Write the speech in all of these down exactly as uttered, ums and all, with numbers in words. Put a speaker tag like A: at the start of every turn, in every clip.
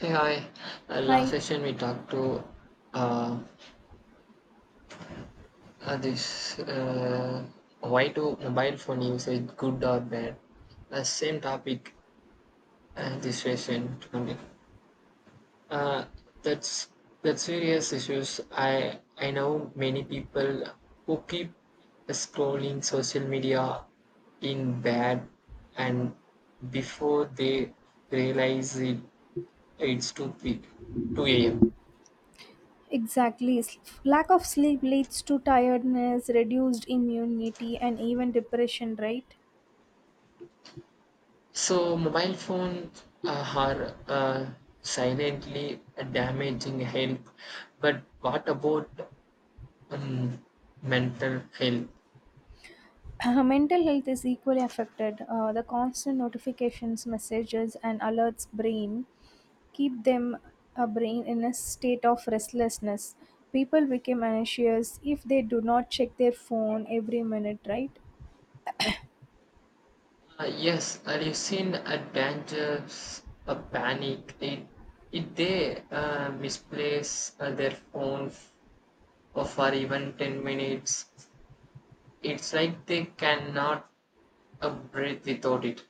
A: Hey, hi. Uh, last
B: Hi,
A: session we talked to uh, uh, this uh, why do mobile phone usage good or bad? Uh, same topic uh, this session to continue. Uh, that's that's serious issues. I I know many people who keep scrolling social media in bed and before they realize it, it's too big, two a m.
B: exactly. S- Lack of sleep leads to tiredness, reduced immunity, and even depression, right?
A: So mobile phones uh, are uh, silently damaging health, but what about um, mental health?
B: Mental health is equally affected. Uh, the constant notifications, messages, and alerts brain keep them a brain in a state of restlessness. People become anxious if they do not check their phone every minute, right?
A: Uh, yes, have you seen a danger, a panic? It, if they uh, misplace uh, their phone f- for even ten minutes, it's like they cannot uh, breathe without it.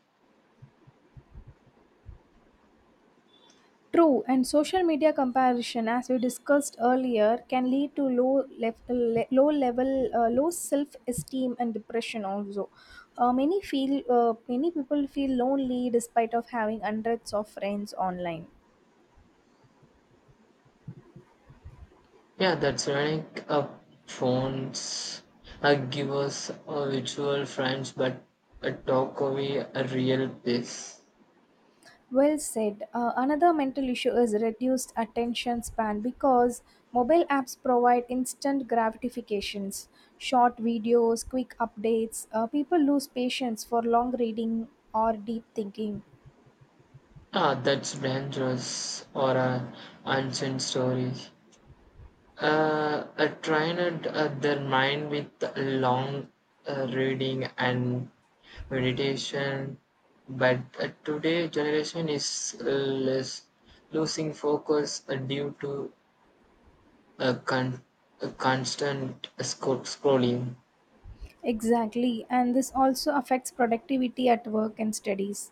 B: True, and social media comparison, as we discussed earlier, can lead to low, lef- le- low level, uh, low self esteem and depression. Also, uh, many feel uh, many people feel lonely despite of having hundreds of friends online.
A: Yeah, that's ironic. Uh, phones uh, give us uh, virtual friends, but uh, talk away a real place.
B: Well said. Uh, another mental issue is reduced attention span because mobile apps provide instant gratifications, short videos, quick updates. Uh, people lose patience for long reading or deep thinking.
A: Ah, that's dangerous or a ancient story. Uh, I trained uh, their mind with long uh, reading and meditation, but uh, today generation is uh, less losing focus uh, due to a, con- a constant sco- scrolling.
B: Exactly, and this also affects productivity at work and studies.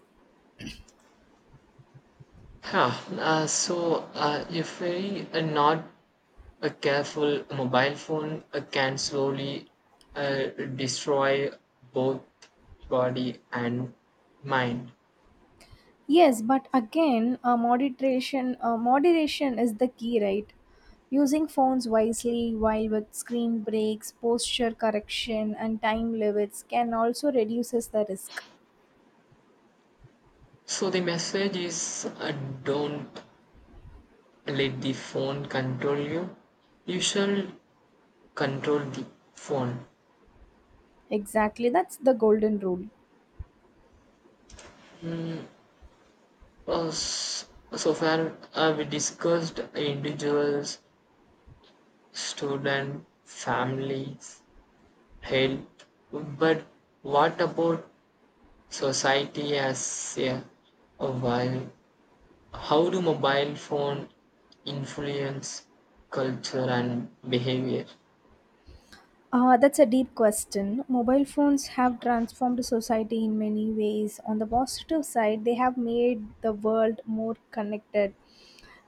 A: Yeah, uh, so uh, if we are not uh, careful, a mobile phone uh, can slowly uh, destroy both body and mind.
B: Yes, but again, uh, moderation uh, moderation is the key, right? Using phones wisely while with screen breaks, posture correction, and time limits can also reduces the risk.
A: So the message is uh, don't let the phone control you. You shall control the phone.
B: Exactly, that's the golden rule.
A: Uh, s- so far, uh, we discussed individuals, student families, health, but what about society as a whole? How do mobile phone influence culture and behavior?
B: Uh, that's a deep question. Mobile phones have transformed society in many ways. On the positive side, they have made the world more connected.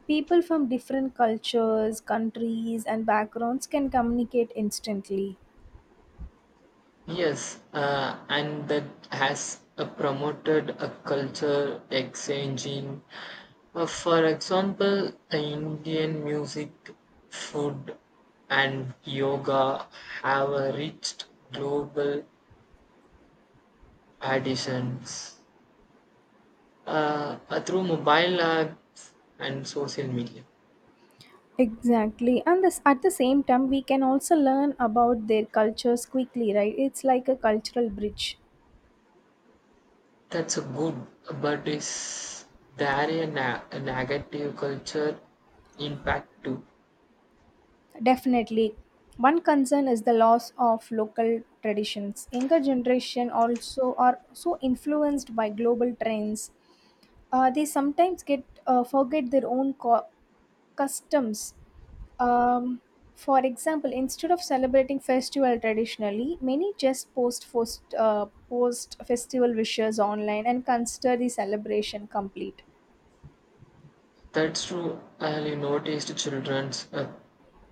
B: People from different cultures, countries, and backgrounds can communicate instantly.
A: Yes, uh, and that has uh, promoted a culture exchanging. Uh, for example, uh, Indian music, food, and yoga have uh, reached global auditions uh, uh, through mobile apps and social media.
B: Exactly. And this, at the same time, we can also learn about their cultures quickly, right? It's like a cultural bridge.
A: That's a good, but is there a, na- a negative culture impact too?
B: Definitely. One concern is the loss of local traditions. Younger generation also are so influenced by global trends. Uh, they sometimes get uh, forget their own co- customs. Um, for example, instead of celebrating festival traditionally, many just post post, uh, post festival wishes online and consider the celebration complete.
A: That's true. I noticed children's uh,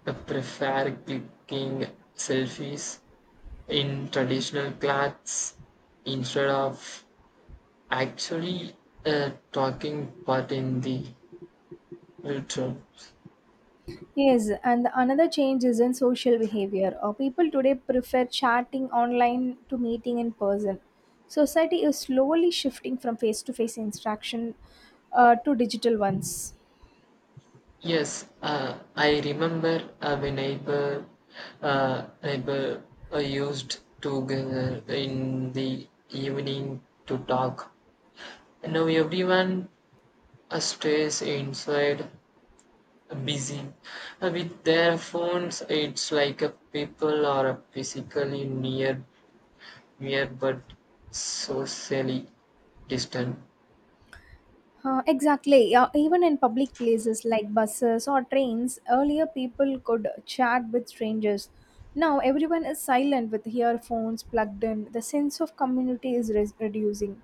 A: uh, prefer clicking selfies in traditional clothes instead of actually uh, talking part in the ritual.
B: Yes, and another change is in social behavior. Uh, people today prefer chatting online to meeting in person. Society is slowly shifting from face to face interaction uh, to digital ones.
A: Yes, uh, I remember uh, my neighbor, uh, neighbor uh, used to gather in the evening to talk. Now everyone uh, stays inside busy uh, with their phones. It's like a people are physically near near but socially distant.
B: Uh, exactly. Uh, even in public places like buses or trains, earlier people could chat with strangers. Now everyone is silent with earphones plugged in. The sense of community is res- reducing.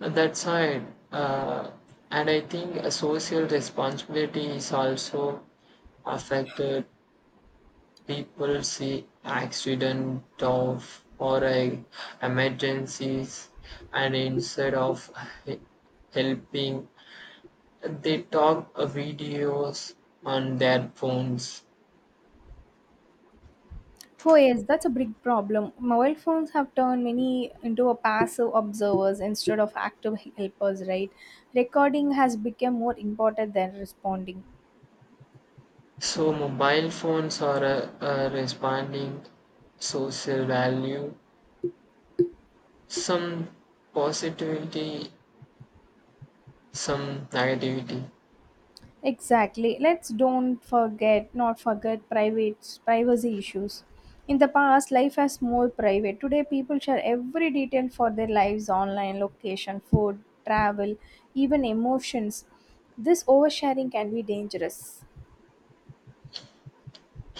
A: Uh, that side, uh, and I think a social responsibility is also affected. People see accident of or a emergencies and instead of he- helping, they talk uh, videos on their phones.
B: Oh yes, that's a big problem. Mobile phones have turned many into a passive observers instead of active helpers, right? Recording has become more important than responding.
A: So mobile phones are a, a responding social value. Some positivity, some negativity.
B: Exactly. Let's don't forget, not forget private privacy issues. In the past, life was more private. Today, people share every detail for their lives online, location, food, travel, even emotions. This oversharing can be dangerous.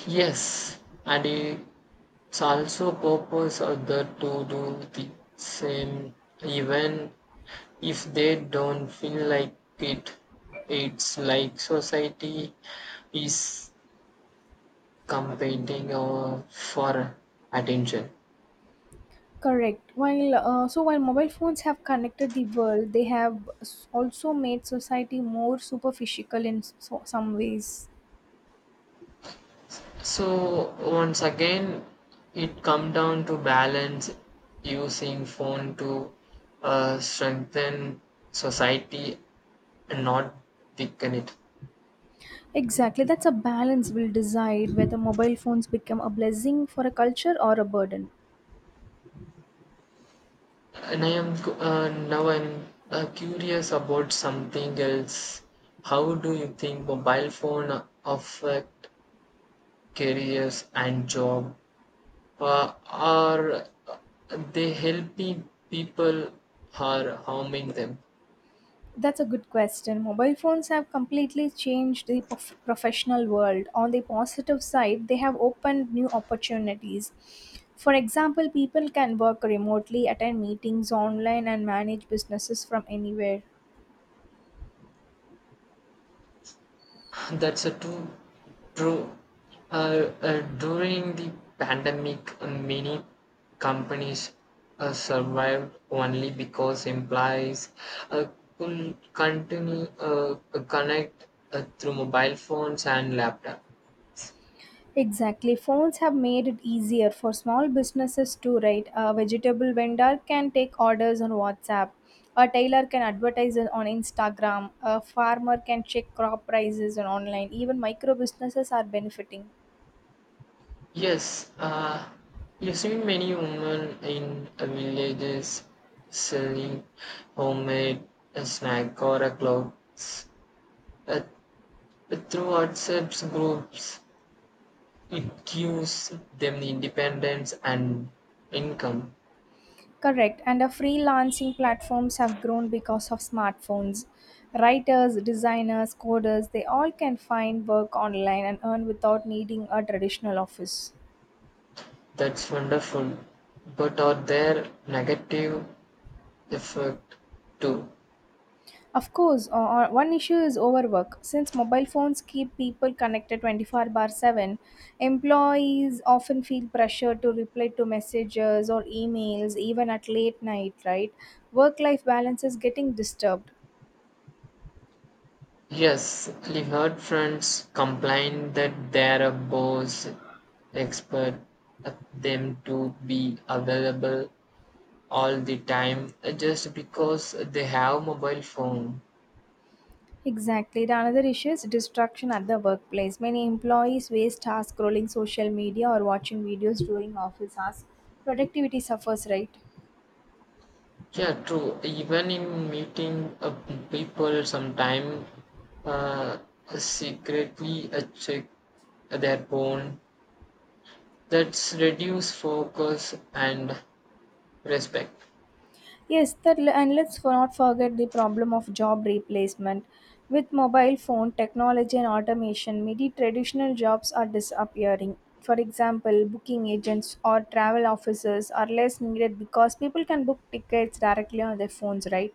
A: Yes, and it's also purpose other to do the same even if they don't feel like it. It's like society is competing uh, for attention.
B: Correct. While uh, so while mobile phones have connected the world, they have s- also made society more superficial in so, some ways.
A: So once again, it come down to balance using phone to uh, strengthen society and not weaken it.
B: Exactly, that's a balance we'll decide whether mobile phones become a blessing for a culture or a burden.
A: And I am cu- uh, now I'm uh, curious about something else. How do you think mobile phone affect careers and job, uh, are they helping people or harming them?
B: That's a good question. Mobile phones have completely changed the prof- professional world. On the positive side, they have opened new opportunities. For example, people can work remotely, attend meetings online, and manage businesses from anywhere.
A: That's a true, true. Uh, uh, during the pandemic, many companies uh, survived only because employees uh, could continue uh, connect uh, through mobile phones and laptops.
B: Exactly. Phones have made it easier for small businesses to write. A vegetable vendor can take orders on WhatsApp. A tailor can advertise it on Instagram. A farmer can check crop prices on online. Even micro businesses are benefiting.
A: Yes, uh, you see many women in the villages selling homemade snack or a clothes uh, through WhatsApp groups. It gives them independence and income.
B: Correct. And the freelancing platforms have grown because of smartphones. Writers, designers, coders, they all can find work online and earn without needing a traditional office.
A: That's wonderful. But are there negative effect too?
B: Of course, o- o- one issue is overwork. Since mobile phones keep people connected twenty-four bar seven, employees often feel pressure to reply to messages or emails even at late night, right? Work life balance is getting disturbed.
A: Yes, I heard friends complain that their boss expect them to be available all the time uh, just because they have mobile phone.
B: Exactly. The another issue is distraction at the workplace. Many employees waste hours scrolling social media or watching videos during office hours. Productivity suffers, right?
A: Yeah, true. Even in meeting, uh, people, sometime uh, secretly uh, check their phone. That's reduce focus and respect.
B: Yes, that, and let's for- not forget the problem of job replacement. With mobile phone technology and automation, many traditional jobs are disappearing. For example, booking agents or travel officers are less needed because people can book tickets directly on their phones, right?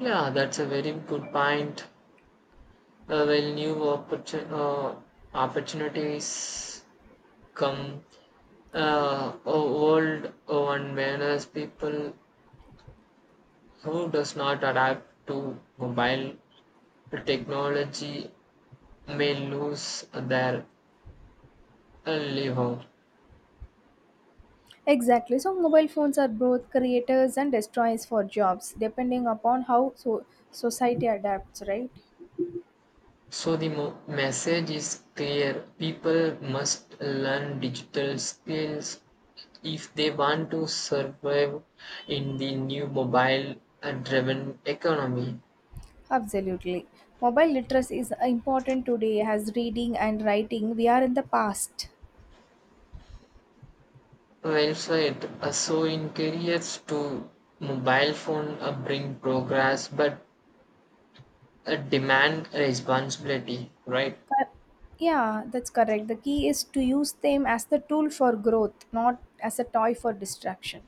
A: Yeah, that's a very good point. Uh, while new opportun- uh, opportunities come, uh, old one manners people who does not adapt to mobile technology may lose their livelihood.
B: Exactly. So mobile phones are both creators and destroyers for jobs, depending upon how so society adapts, right?
A: So the mo- message is clear: people must learn digital skills if they want to survive in the new mobile-driven economy.
B: Absolutely. Mobile literacy is important today as reading and writing. We are in the past.
A: Well said. Uh, so in careers to mobile phone uh, bring progress but uh, demand responsibility, right?
B: Cor- Yeah, that's correct. The key is to use them as the tool for growth, not as a toy for distraction.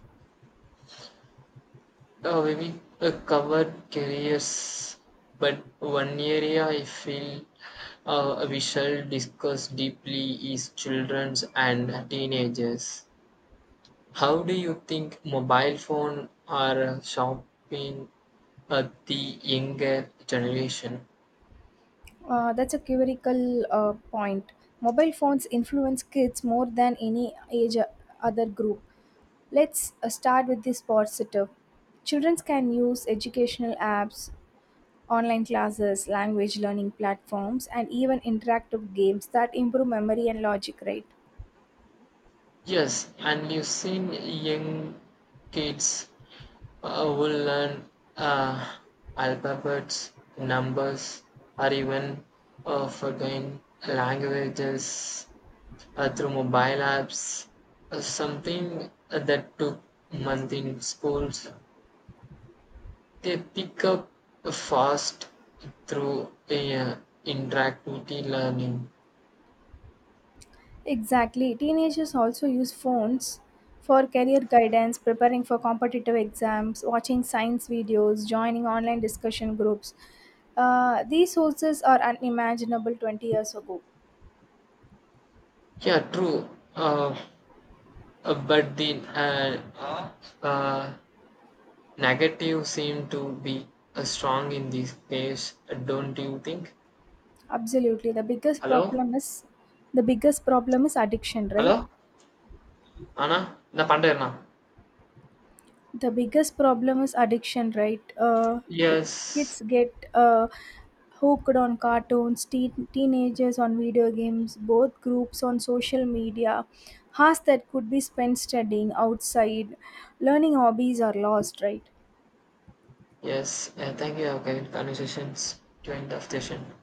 A: Uh, we will, uh, cover careers but one area I feel uh, we shall discuss deeply is children's and teenagers. How do you think mobile phone are uh, shopping at the younger generation?
B: Uh, that's a critical uh, point. Mobile phones influence kids more than any age uh, other group. Let's uh, start with this positive. Children can use educational apps, online classes, language learning platforms, and even interactive games that improve memory and logic, right?
A: Yes, and you've seen young kids uh, who learn uh, alphabets, numbers, or even uh, forgotten languages uh, through mobile apps, uh, something that took months in schools. They pick up fast through uh, interactivity learning.
B: Exactly. Teenagers also use phones for career guidance, preparing for competitive exams, watching science videos, joining online discussion groups. Uh, these sources are unimaginable twenty years ago.
A: Yeah, true. Uh, uh, but the uh, uh, negative seem to be uh, strong in this case, uh, don't you think?
B: Absolutely. The biggest
A: Hello?
B: problem is the biggest problem is addiction, right?
A: Hello? Anna? Na Pandana?
B: the biggest problem is addiction right uh, t-
A: Yes.
B: Kids get uh, hooked on cartoons, teen teenagers on video games, both groups on social media. Hours that could be spent studying, outside learning, hobbies are lost, right?
A: Yes. Uh, thank you. Okay. Conversations to end of session.